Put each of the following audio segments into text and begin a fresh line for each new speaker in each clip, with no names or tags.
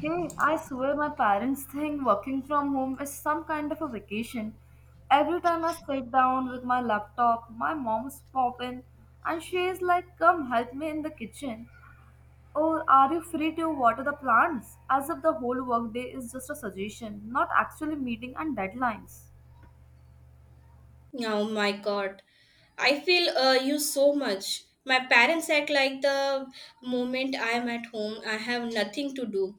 Hey, I swear my parents think working from home is some kind of a vacation. Every time I sit down with my laptop, my mom's popping and she is like, Come help me in the kitchen. Or are you free to water the plants? As if the whole workday is just a suggestion, not actually meeting and deadlines.
Oh my God. I feel you so much. My parents act like the moment I am at home, I have nothing to do.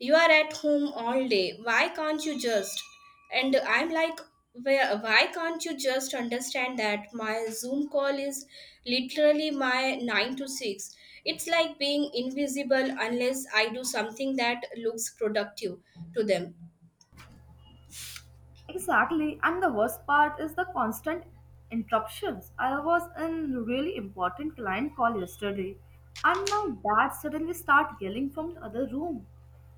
You are at home all day. Why can't you just? And I'm like, where, why can't you just understand that my Zoom call is literally my 9 to 6? It's like being invisible unless I do something that looks productive to them.
Exactly, and the worst part is the constant interruptions. I was in really important client call yesterday, and my dad suddenly started yelling from the other room.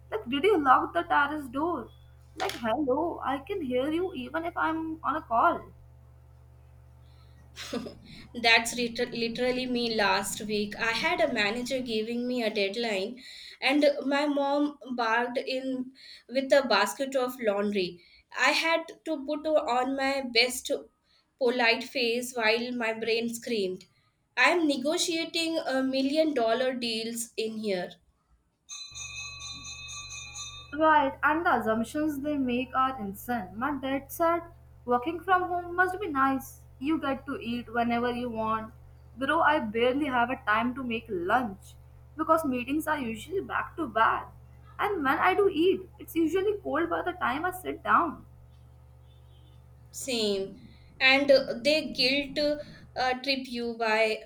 Like, did you lock the terrace door? Like, hello, I can hear you even if I'm on a call.
That's literally me last week. I had a manager giving me a deadline, and my mom barked in with a basket of laundry. I had to put on my best polite face while my brain screamed. I'm negotiating a million dollar deals in here.
Right, and the assumptions they make are insane. My dad said, working from home must be nice. You get to eat whenever you want. Bro, I barely have a time to make lunch because meetings are usually back to back. And when I do eat, it's usually cold by the time I sit down.
Same. And they guilt trip you by.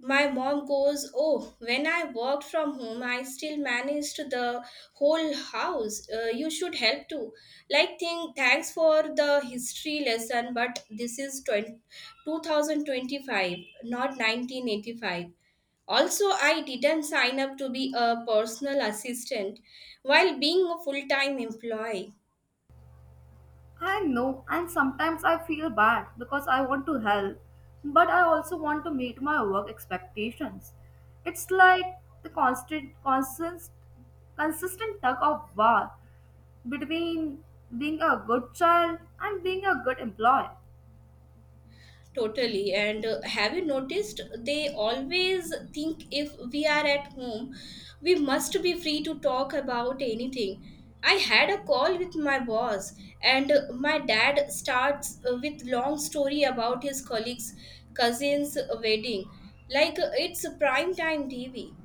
My mom goes, "Oh, when I worked from home, I still managed the whole house. You should help too." Like, thanks for the history lesson, but this is 20, 2025, not 1985. Also, I didn't sign up to be a personal assistant while being a full time employee.
I know, and sometimes I feel bad because I want to help, but I also want to meet my work expectations. It's like the consistent tug of war between being a good child and being a good employee.
Totally. And have you noticed they always think if we are at home, we must be free to talk about anything? I had a call with my boss, and my dad starts with long story about his colleagues' cousin's wedding, like it's prime time TV.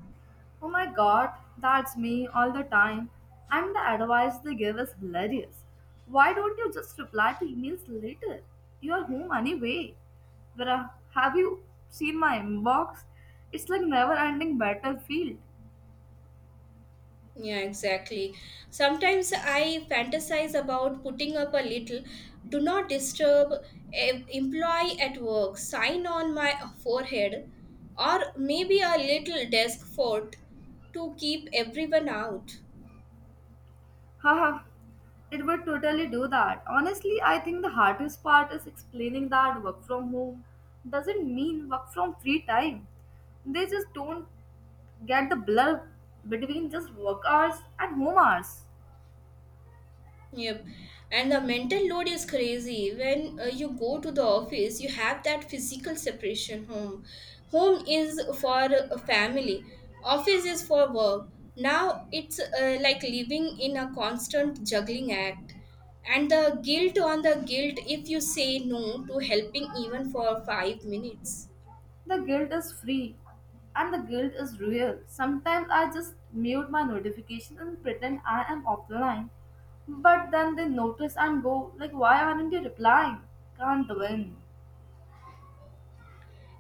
Oh my god, that's me all the time. And the advice they give is hilarious. Why don't you just reply to emails later? You're home anyway. Vera, have you seen my inbox? It's like never ending battlefield.
Yeah, exactly. Sometimes I fantasize about putting up a little do not disturb employee at work sign on my forehead, or maybe a little desk fort to keep everyone out.
Haha, it would totally do that. Honestly, I think the hardest part is explaining that work from home doesn't mean work from free time. They just don't get the blur between just work hours and home hours.
Yep. And the mental load is crazy. When you go to the office, you have that physical separation. Home. Home is for a family, office is for work. Now it's like living in a constant juggling act. And the guilt on the guilt if you say no to helping even for 5 minutes.
The guilt is free and the guilt is real. Sometimes I just mute my notification and pretend I am offline. But then they notice and go like, why aren't you replying? Can't win.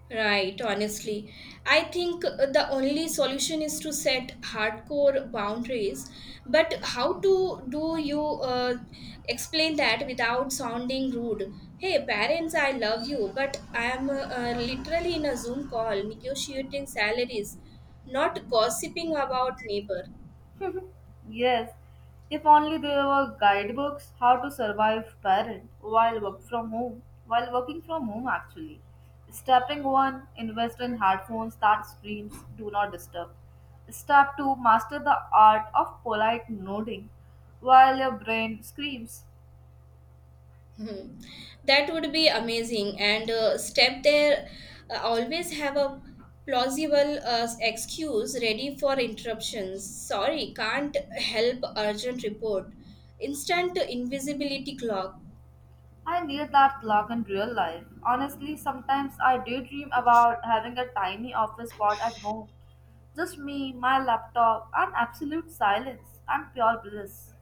Right, honestly. I think the only solution is to set hardcore boundaries. But how to do you explain that without sounding rude? Hey, parents, I love you, but I am literally in a Zoom call negotiating salaries, not gossiping about neighbor.
Yes, if only there were guidebooks, how to survive parent while work from home, while working from home actually. Stepping one, invest in headphones that screams do not disturb. Step two, master the art of polite nodding while your brain screams.
That would be amazing. And step there, always have a plausible excuse ready for interruptions. Sorry, can't help, urgent report. Instant invisibility clock.
I need that clock in real life. Honestly, sometimes I daydream about having a tiny office spot at home. Just me, my laptop, and absolute silence and pure bliss.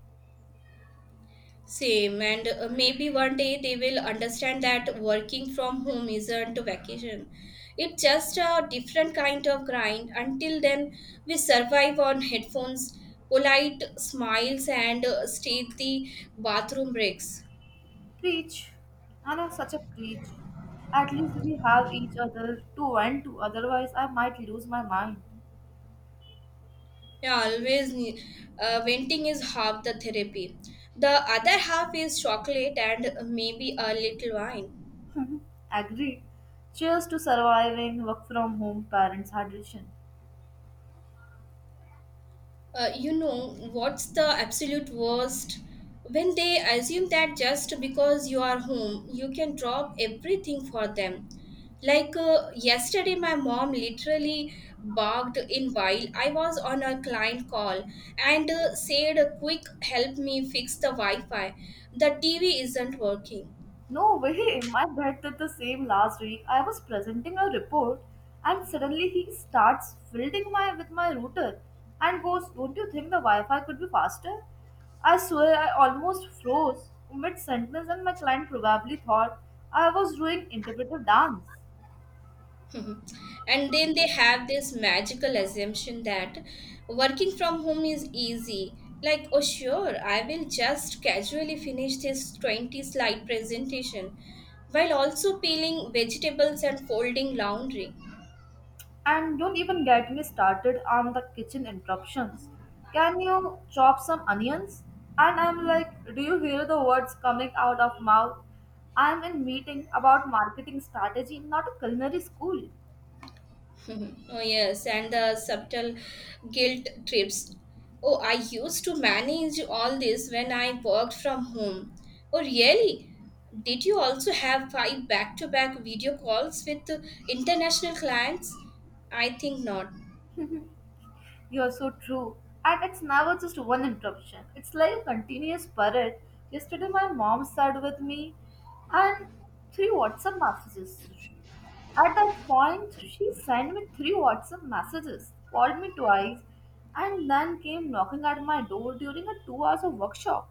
Same. And maybe one day they will understand that working from home isn't a vacation. It's just a different kind of grind. Until then, we survive on headphones, polite smiles, and stay the bathroom breaks.
Preach, Anna, such a preach. At least we have each other to vent to, otherwise, I might lose my mind.
Yeah, venting is half the therapy. The other half is chocolate and maybe a little wine.
Agreed. Cheers to surviving work from home parents hydration.
You know, what's the absolute worst? When they assume that just because you are home, you can drop everything for them. Like yesterday, my mom literally barked in while I was on a client call and said, "Quick, help me fix the Wi Fi. The TV isn't working."
No way, my dad did the same last week. I was presenting a report and suddenly he starts fielding my with my router and goes, Don't you think the Wi Fi could be faster? I swear I almost froze mid sentence, and my client probably thought I was doing interpretive dance.
Mhm. And then they have this magical assumption that working from home is easy. Like, oh, sure, I will just casually finish this 20 slide presentation while also peeling vegetables and folding laundry.
And don't even get me started on the kitchen interruptions. Can you chop some onions? And I'm like, do you hear the words coming out of mouth? I'm in meeting about marketing strategy, not a culinary school.
Oh, yes, and the subtle guilt trips. "Oh, I used to manage all this when I worked from home." Oh, really? Did you also have five back to back video calls with international clients? I think not.
You're so true. And it's never just one interruption. It's like a continuous parade. Yesterday my mom sat with me and three WhatsApp messages. At that point, she sent me three WhatsApp messages, called me twice, and then came knocking at my door during a 2 hours of workshop.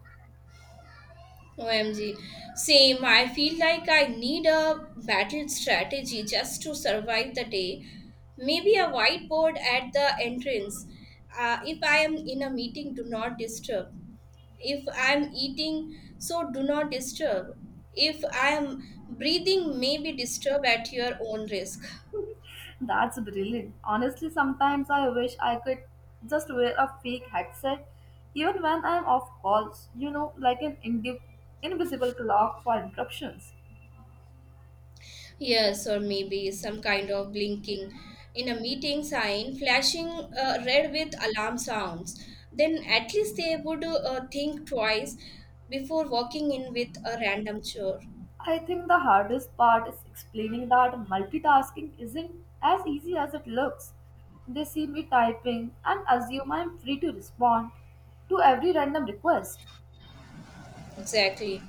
OMG. Same, I feel like I need a battle strategy just to survive the day. Maybe a whiteboard at the entrance. If I am in a meeting, do not disturb. If I'm eating, so do not disturb. If I'm breathing, maybe disturb at your own risk.
That's brilliant. Honestly, sometimes I wish I could just wear a fake headset, even when I'm off calls, you know, like an invisible clock for interruptions.
Yes, or maybe some kind of blinking in a meeting sign, flashing red with alarm sounds. Then at least they would think twice before walking in with a random chore.
I think the hardest part is explaining that multitasking isn't as easy as it looks. They see me typing and assume I'm free to respond to every random request.
Exactly.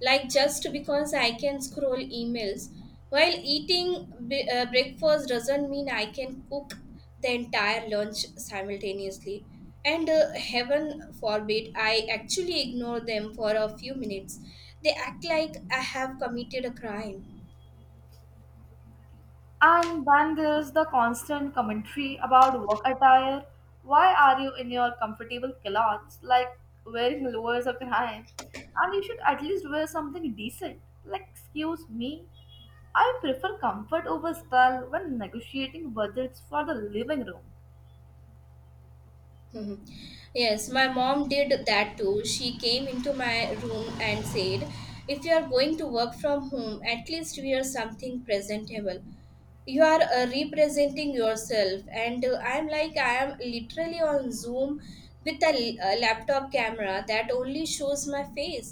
Like just because I can scroll emails while eating breakfast doesn't mean I can cook the entire lunch simultaneously. And heaven forbid I actually ignore them for a few minutes. They act like I have committed a crime.
And then there's the constant commentary about work attire. Why are you in your comfortable clothes, like wearing lowers or high? And you should at least wear something decent. Like, excuse me, I prefer comfort over style when negotiating budgets for the living room.
Mhm. Yes, my mom did that too. She came into my room and said, "If you are going to work from home, at least wear something presentable. You are representing yourself," and I'm like, I am literally on Zoom with a laptop camera that only shows my face,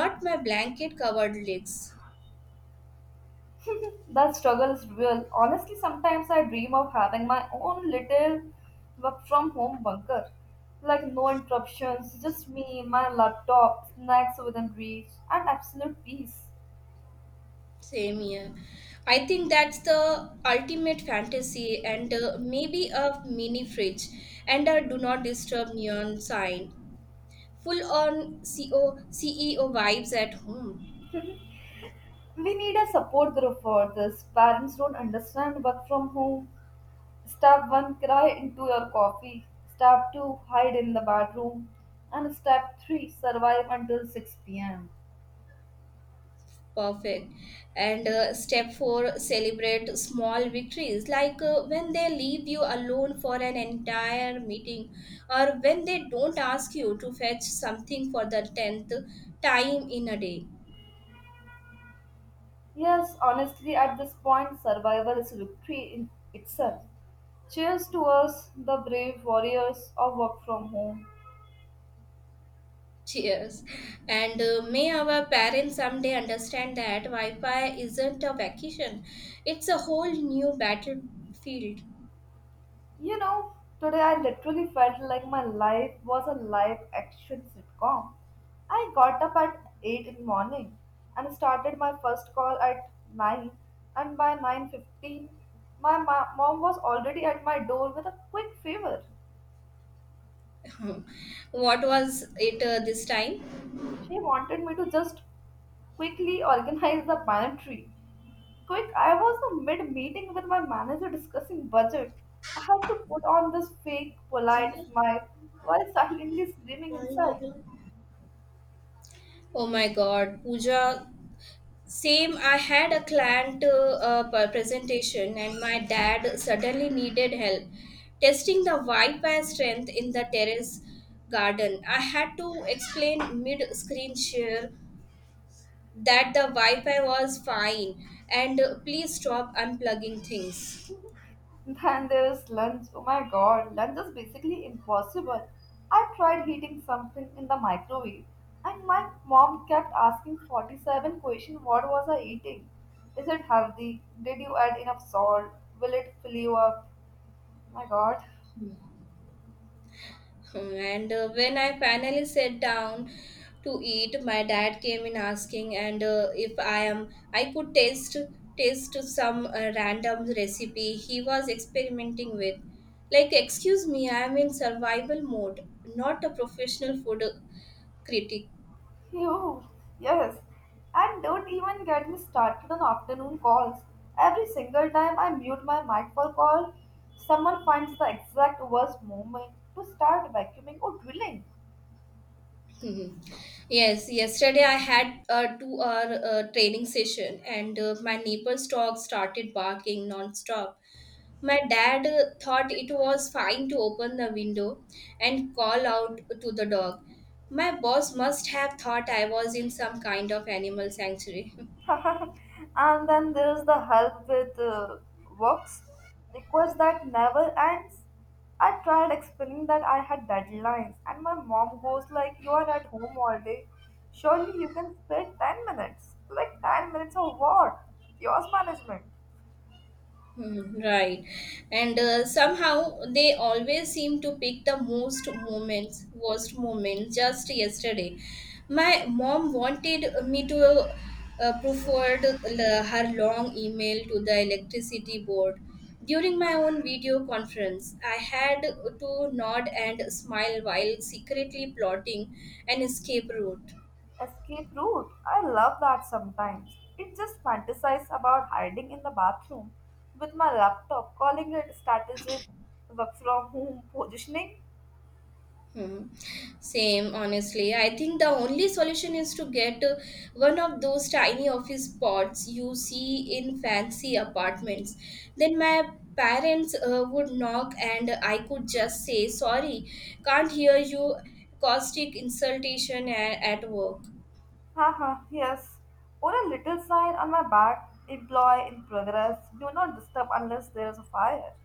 not my blanket covered legs.
That struggle is real. Honestly, sometimes I dream of having my own little work from home bunker. Like no interruptions, just me, my laptop, snacks within reach, and absolute peace.
Same here. I think that's the ultimate fantasy. And maybe a mini fridge and a do not disturb neon sign, full on CEO vibes at home.
We need a support group for this. Parents don't understand work from home. Step 1 cry into your coffee. Step 2 hide in the bathroom. And step 3 survive until 6 pm.
Perfect. And step four, celebrate small victories, like when they leave you alone for an entire meeting, or when they don't ask you to fetch something for the 10th time in a day.
Yes, honestly, at this point, survival is victory in itself. Cheers to us, the brave warriors of work from home.
Cheers. And may our parents someday understand that Wi Fi isn't a vacation, it's a whole new battlefield.
You know, today I literally felt like my life was a live action sitcom. I got up at 8 in the morning and started my first call at 9, and by 9:15 my mom was already at my door with a quick favor.
What was it this time?
She wanted me to just quickly organize the pantry. Quick, I was in mid meeting with my manager discussing budget. I had to put on this fake, polite smile while silently screaming inside.
Oh my god, Pooja. Same, I had a client presentation, and my dad suddenly needed help testing the Wi-Fi strength in the terrace garden. I had to explain mid-screen share that the Wi-Fi was fine and please stop unplugging things.
Then there's lunch. Oh my god, lunch is basically impossible. I tried heating something in the microwave, and my mom kept asking 47 questions. What was I eating? Is it healthy? Did you add enough salt? Will it fill you up? My god.
And when I finally sat down to eat, my dad came in asking, and if I am, I could taste some random recipe he was experimenting with. Like, excuse me, I am in survival mode, not a professional food critic.
You yes, and don't even get me started on afternoon calls. Every single time I mute my mic for call, someone finds the exact worst moment to start vacuuming or drilling.
Mhm. Yes, yesterday I had a 2-hour training session and my neighbor's dog started barking non-stop. My dad thought it was fine to open the window and call out to the dog. My boss must have thought I was in some kind of animal sanctuary.
And then there's the help with works request that never ends. I tried explaining that I had deadlines, and my mom goes like, "You are at home all day. Surely you can spare 10 minutes. Like 10 minutes of what? Yours management."
Hmm. Right. And somehow they always seem to pick the worst moments. Just yesterday, my mom wanted me to prefer her long email to the electricity board. During my own video conference, I had to nod and smile while secretly plotting an escape route.
Escape route. I love that sometimes. It just fantasize about hiding in the bathroom with my laptop, calling it strategic work from home positioning.
Hmm. Same, honestly. I think the only solution is to get one of those tiny office pods you see in fancy apartments. Then my parents would knock and I could just say, "Sorry, can't hear you, caustic insultation at work."
Haha, yes. Or a little sign on my back, employee in progress, do not disturb unless there is a fire.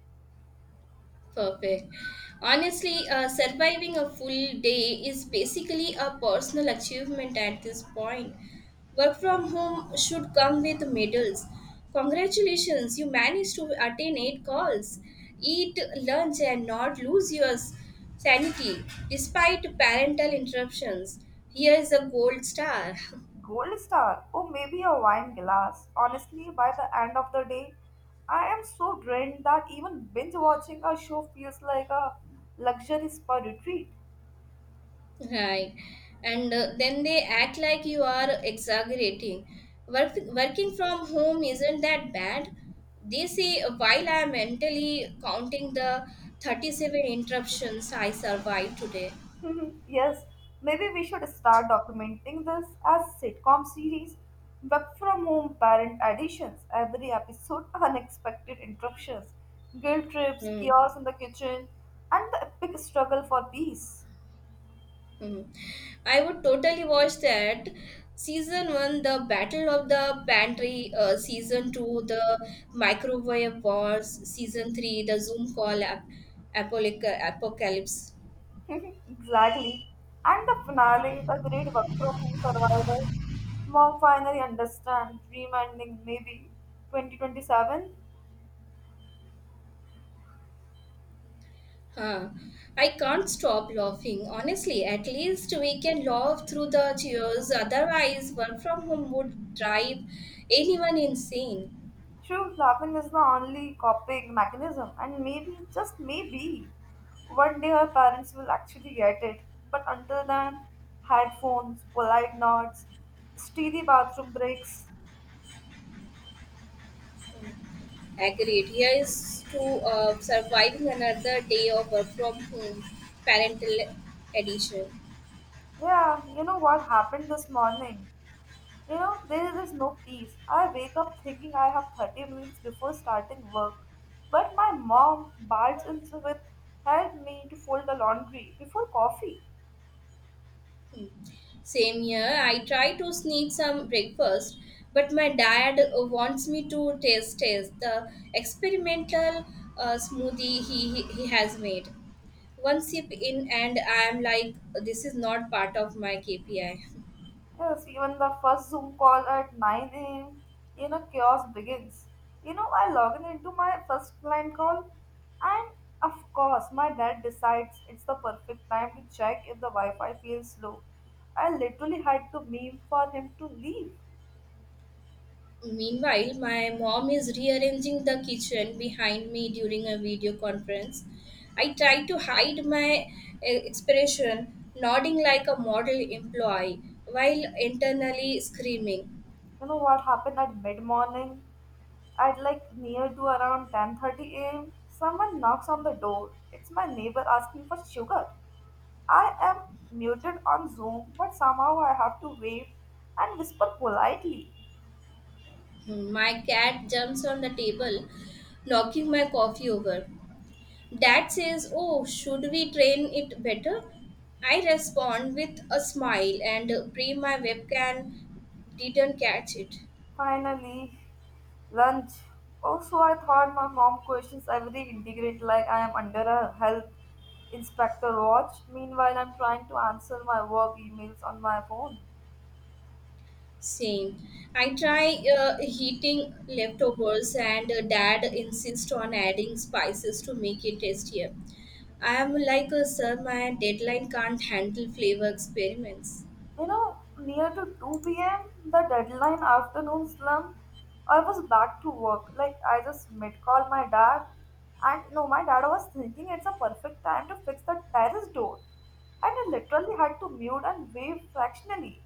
Perfect. Honestly, surviving a full day is basically a personal achievement at this point. Work from home should come with medals. Congratulations, you managed to attain 8 calls. Eat lunch and not lose your sanity despite parental interruptions. Here is a gold star.
Gold star, or maybe a wine glass. Honestly, by the end of the day, I am so drained that even binge watching a show feels like a luxury spa retreat.
Right. And then they act like you are exaggerating. Working from home isn't that bad, they say, while I am mentally counting the 37 interruptions I survived today.
Mhm. Yes, maybe we should start documenting this as sitcom series, work from home parent additions, every episode unexpected interruptions, guilt trips,
Hmm.
chaos in the kitchen, and the epic struggle for peace.
Hmm. I would totally watch that. Season 1, the Battle of the Pantry. Season 2, the Microwave Wars. Season 3, the Zoom Call Apocalypse.
Exactly. And the finale, the great work from home survivor. Mom finally understands, dream ending maybe 2027.
Huh. I can't stop laughing. Honestly, at least we can laugh through the cheers. Otherwise, work from home would drive anyone insane.
True, laughing is the only coping mechanism, and maybe, just maybe, one day her parents will actually get it. But until then, headphones, polite nods, steady bathroom breaks.
Agreed. Here is to surviving another day of work from home, parental edition.
Yeah, you know what happened this morning? You know, there is no peace. I wake up thinking I have 30 minutes before starting work, but my mom barges in with help me to fold the laundry before coffee.
Same here. I try to sneak some breakfast, but my dad wants me to taste the experimental smoothie he has made. One sip in, and I am like, this is not part of my KPI.
Yes, even the first Zoom call at 9 a.m., you know, chaos begins. You know, I log in into my first client call, and of course, my dad decides it's the perfect time to check if the Wi Fi feels slow. I literally had to meme for him to leave.
Meanwhile, my mom is rearranging the kitchen behind me during a video conference. I try to hide my expression, nodding like a model employee while internally screaming.
You know what happened at mid morning? At like near to around 10:30 a.m., someone knocks on the door. It's my neighbor asking for sugar. I am muted on Zoom, but somehow I have to wave and whisper politely.
Hmm. My cat jumps on the table, knocking my coffee over. Dad says, "Oh, should we train it better?" I respond with a smile and pray my webcam didn't catch it.
Finally, lunch. Also, I thought my mom questions every integrate like I am under a health inspector watch. Meanwhile, I'm trying to answer my work emails on my phone.
Same. I try heating leftovers, and dad insists on adding spices to make it tastier. I am like, "Oh, Sir, my deadline can't handle flavor experiments."
You know, near to 2 p.m., the deadline afternoon slump, I was back to work. Like, I just mid call my dad. And no, my dad was thinking it's a perfect time to fix the terrace door. And I literally had to mute and wave fractionally.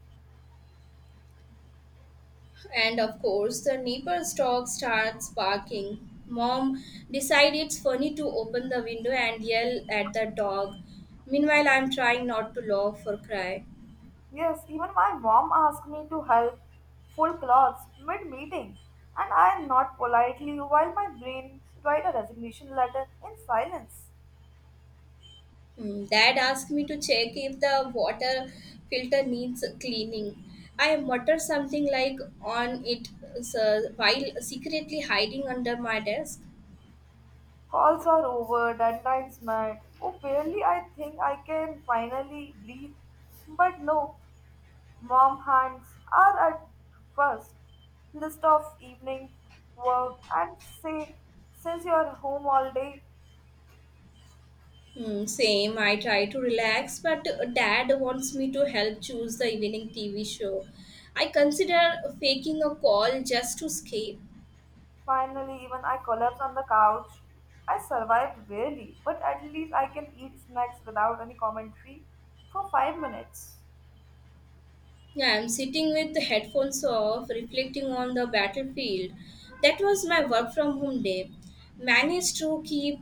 And of course, the neighbor's dog starts barking. Mom decides it's funny to open the window and yell at the dog. Meanwhile, I'm trying not to laugh or cry.
Yes, even my mom asked me to help full cloths mid meeting. And I not politely while my brain write a resignation letter in silence.
Hmm. Dad asked me to check if the water filter needs cleaning. I mutter something like on it, while secretly hiding under my desk.
Calls are over, deadlines met. Oh, barely I think I can finally breathe. But no, mom hands are at first. List of evening work and say, since you are home all day,
Hmm. Same. I try to relax, but dad wants me to help choose the evening TV show. I consider faking a call just to escape.
finally even I collapse on the couch. I survived barely, but at least I can eat snacks without any commentary for 5 minutes.
Yeah, I'm sitting with the headphones off, reflecting on the battlefield. That was my work from home day. Managed to keep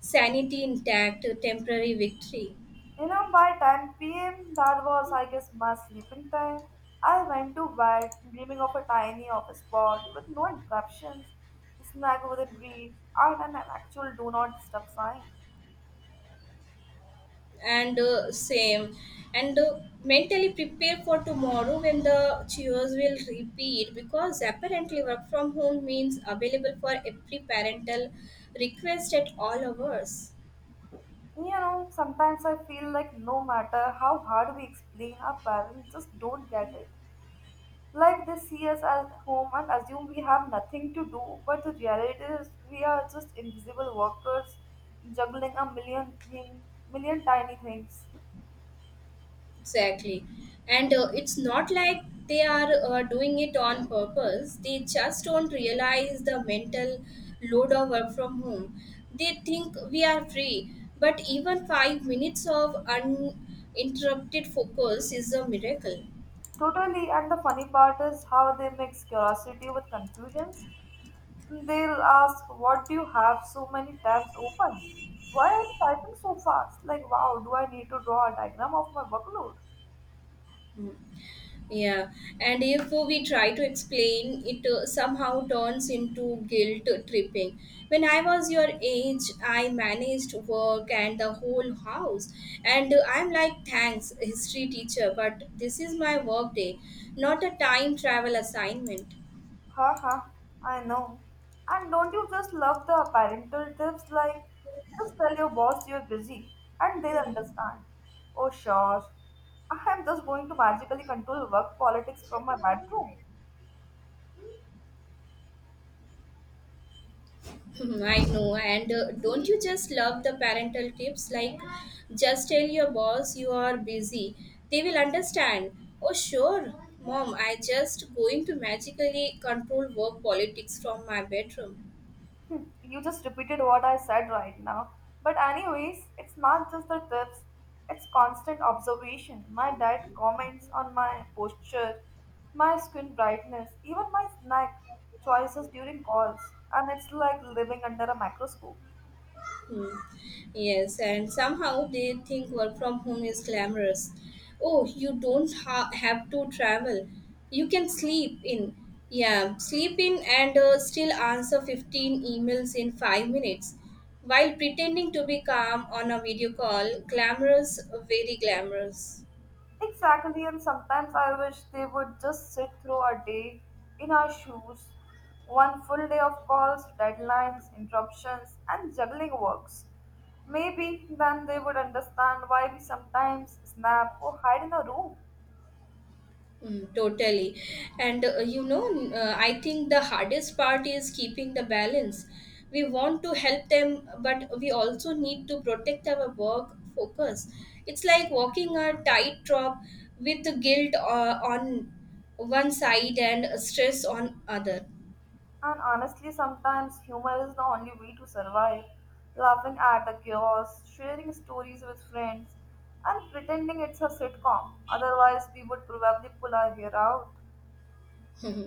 sanity intact, a temporary victory.
You know, by 10 p.m., that was, I guess, my sleeping time. I went to bed, dreaming of a tiny office spot with no interruptions, snack within reach, and an actual do not disturb sign.
And same. And mentally prepare for tomorrow when the chores will repeat, because apparently work from home means available for every parental request at all hours.
You know, sometimes I feel like no matter how hard we explain, our parents just don't get it. Like they see us at home and assume we have nothing to do, but the reality is we are just invisible workers juggling a million thing, million tiny things.
Exactly. And it's not like they are doing it on purpose. They just don't realize the mental load of work from home. They think we are free, but even 5 minutes of uninterrupted focus is a miracle.
Totally, and the funny part is how they mix curiosity with confusions. They'll ask, What do you have so many tabs open? Why are you typing so fast? Like, wow, do I need to draw a diagram of my workload?
Mm. Yeah, and if we try to explain, it somehow turns into guilt tripping. When I was your age, I managed work and the whole house, and I'm like, thanks, history teacher, but this is my work day, not a time travel assignment.
Haha, I know. And don't you just love the parental tips like, Just tell your boss you're busy and they'll understand. Oh, sure. I am just going to magically control work politics from my bedroom.
Hmm, I know, and don't you just love the parental tips? Like, just tell your boss you are busy. They will understand. Oh, sure, mom, I just going to magically control work politics from my bedroom.
You just repeated what I said right now. But anyways, it's not just the tips, it's constant observation. My diet comments on my posture, my skin brightness, even my snack choices during calls. And it's like living under a microscope.
Hmm. Yes, and somehow they think work from home is glamorous. Oh, you don't have to travel. You can sleep in. Yeah, sleep in and still answer 15 emails in 5 minutes while pretending to be calm on a video call. Glamorous, very glamorous.
Exactly, and sometimes I wish they would just sit through a day in our shoes. One full day of calls, deadlines, interruptions, and juggling works. Maybe then they would understand why we sometimes snap or hide in a room.
Mm, totally. And I think the hardest part is keeping the balance. We want to help them, but we also need to protect our work focus. It's like walking a tightrope with guilt on one side and stress on other.
And honestly, sometimes humor is the only way to survive. Laughing at the chaos, sharing stories with friends, and pretending it's a sitcom. Otherwise, we would probably pull our hair out.
Mhm.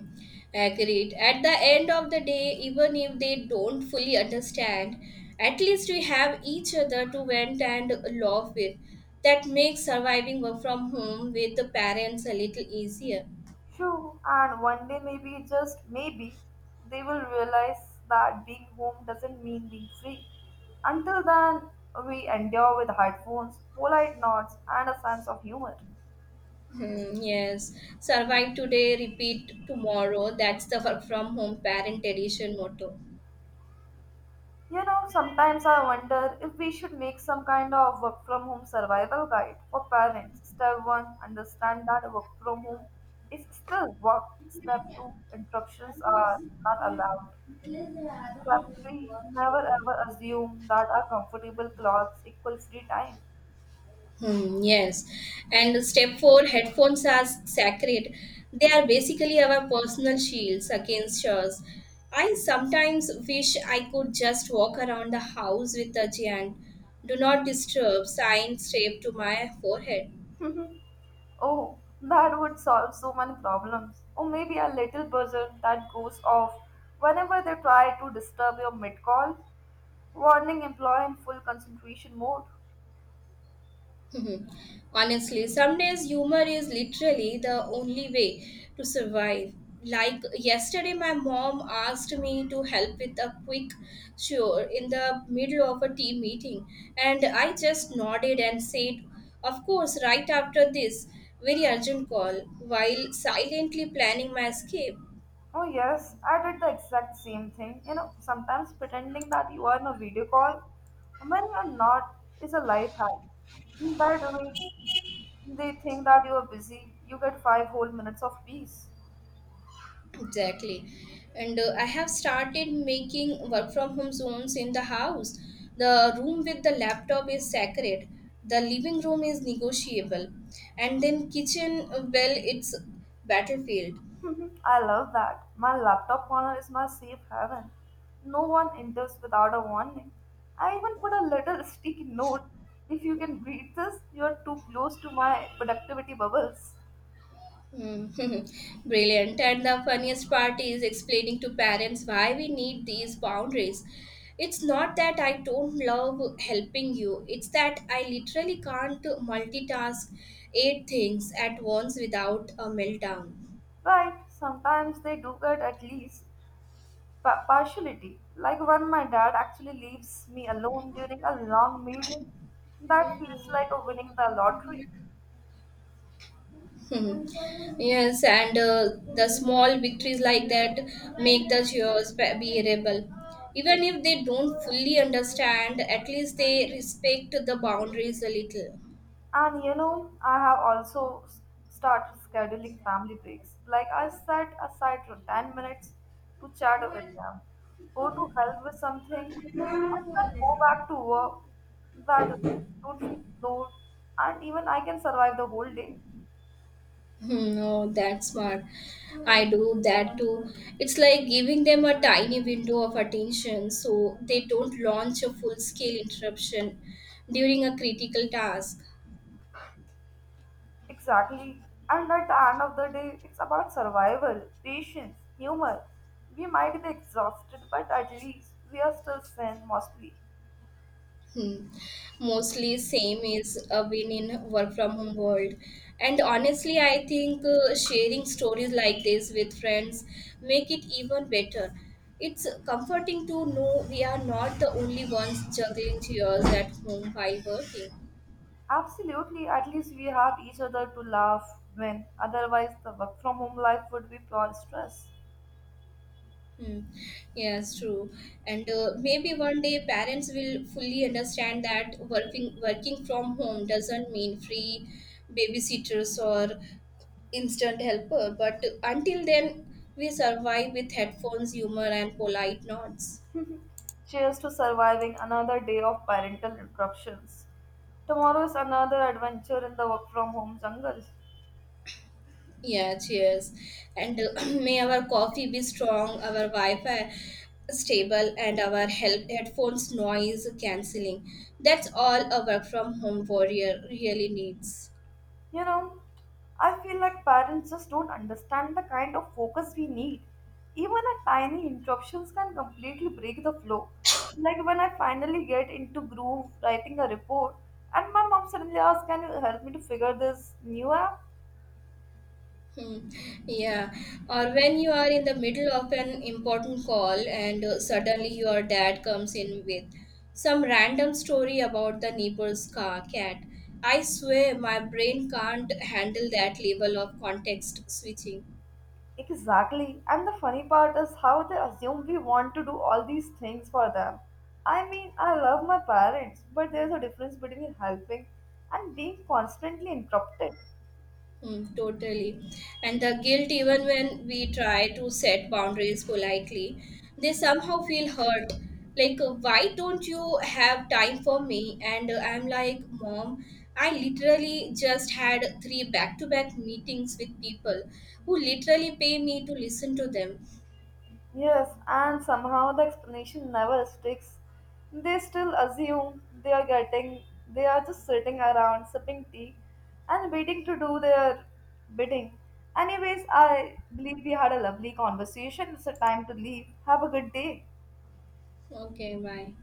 Agreed. At the end of the day, even if they don't fully understand, at least we have each other to vent and laugh with. That makes surviving work from home with the parents a little easier.
True, and one day, maybe, just maybe, they will realize that being home doesn't mean being free. Until then, we endure with headphones, polite nods, and a sense of humor.
Hmm, yes, survive today, repeat tomorrow. That's the work from home parent edition motto.
You know, sometimes I wonder if we should make some kind of work from home survival guide for parents. Step 1, understand that work from home is still work. Step 2, interruptions are not allowed. Exactly. Never ever assume that our comfortable clothes equal free time.
Hmm, yes. And step four, headphones are sacred. They are basically our personal shields against chores. I sometimes wish I could just walk around the house with a giant do not disturb sign taped to my forehead.
Oh, that would solve so many problems. Or maybe a little buzzer that goes off whenever they try to disturb your mid call, warning employee in full concentration mode.
Mhm. Honestly, some days humor is literally the only way to survive. Like yesterday, my mom asked me to help with a quick chore in the middle of a team meeting, and I just nodded and said, of course, right after this very urgent call, while silently planning my escape.
Oh, yes, I did the exact same thing. You know, sometimes pretending that you are in a video call when you're not is a life hack. That way, they think that you are busy, you get five whole minutes of peace.
Exactly. And I have started making work from home zones in the house. The room with the laptop is sacred. The living room is negotiable. And then kitchen, well, it's battlefield.
I love that. My laptop corner is my safe haven. No one enters without a warning. I even put a little sticky note. If you can read this, you're too close to my productivity bubbles.
Hmm. Brilliant. And the funniest part is explaining to parents why we need these boundaries. It's not that I don't love helping you. It's that I literally can't multitask eight things at once without a meltdown.
Right, sometimes they do get at least partiality. Like when my dad actually leaves me alone during a long meeting, that feels like a winning the lottery.
Hmm. Yes, and the small victories like that make the cheers bearable. Even if they don't fully understand, at least they respect the boundaries a little.
And you know, I have also started scheduling family breaks. Like I set aside for 10 minutes to chat with them, go to help with something, and then go back to work. That way I don't feel ignored, and even I can survive the whole day.
Hmm, oh, that's smart. I do that too. It's like giving them a tiny window of attention so they don't launch a full scale interruption during a critical task.
Exactly. And at the end of the day, it's about survival, patience, humor. We might be exhausted, but at least we are still sane mostly.
Hmm. Mostly same is a win in work from home world. And honestly, I think sharing stories like this with friends make it even better. It's comforting to know we are not the only ones juggling chairs at home while working.
Absolutely, at least we have each other to laugh when, otherwise, the work from home life would be pure stress.
Hmm. Yes, true. And maybe one day parents will fully understand that working from home doesn't mean free babysitters or instant helper. But until then, we survive with headphones, humor, and polite nods.
Cheers to surviving another day of parental interruptions. Tomorrow is another adventure in the work from home jungle.
Yeah, cheers. And may our coffee be strong, our Wi-Fi stable, and our help headphones noise cancelling. That's all a work from home warrior really needs.
You know, I feel like parents just don't understand the kind of focus we need. Even a tiny interruptions can completely break the flow. Like when I finally get into groove writing a report and my mom suddenly asks, can you help me to figure this new app?
Hmm, yeah, or when you are in the middle of an important call and suddenly your dad comes in with some random story about the neighbor's car cat. I swear my brain can't handle that level of context switching.
Exactly. And the funny part is how they assume we want to do all these things for them. I mean, I love my parents, but there's a difference between helping and being constantly interrupted.
Mm, totally. And the guilt, even when we try to set boundaries politely, they somehow feel hurt. Like, why don't you have time for me? And I'm like, mom, I literally just had three back to back meetings with people who literally pay me to listen to them.
Yes, and somehow the explanation never sticks. They still assume they are getting, they are just sitting around sipping tea and waiting to do their bidding. Anyways, I believe we had a lovely conversation. It's a time to leave. Have a good day.
Okay, bye.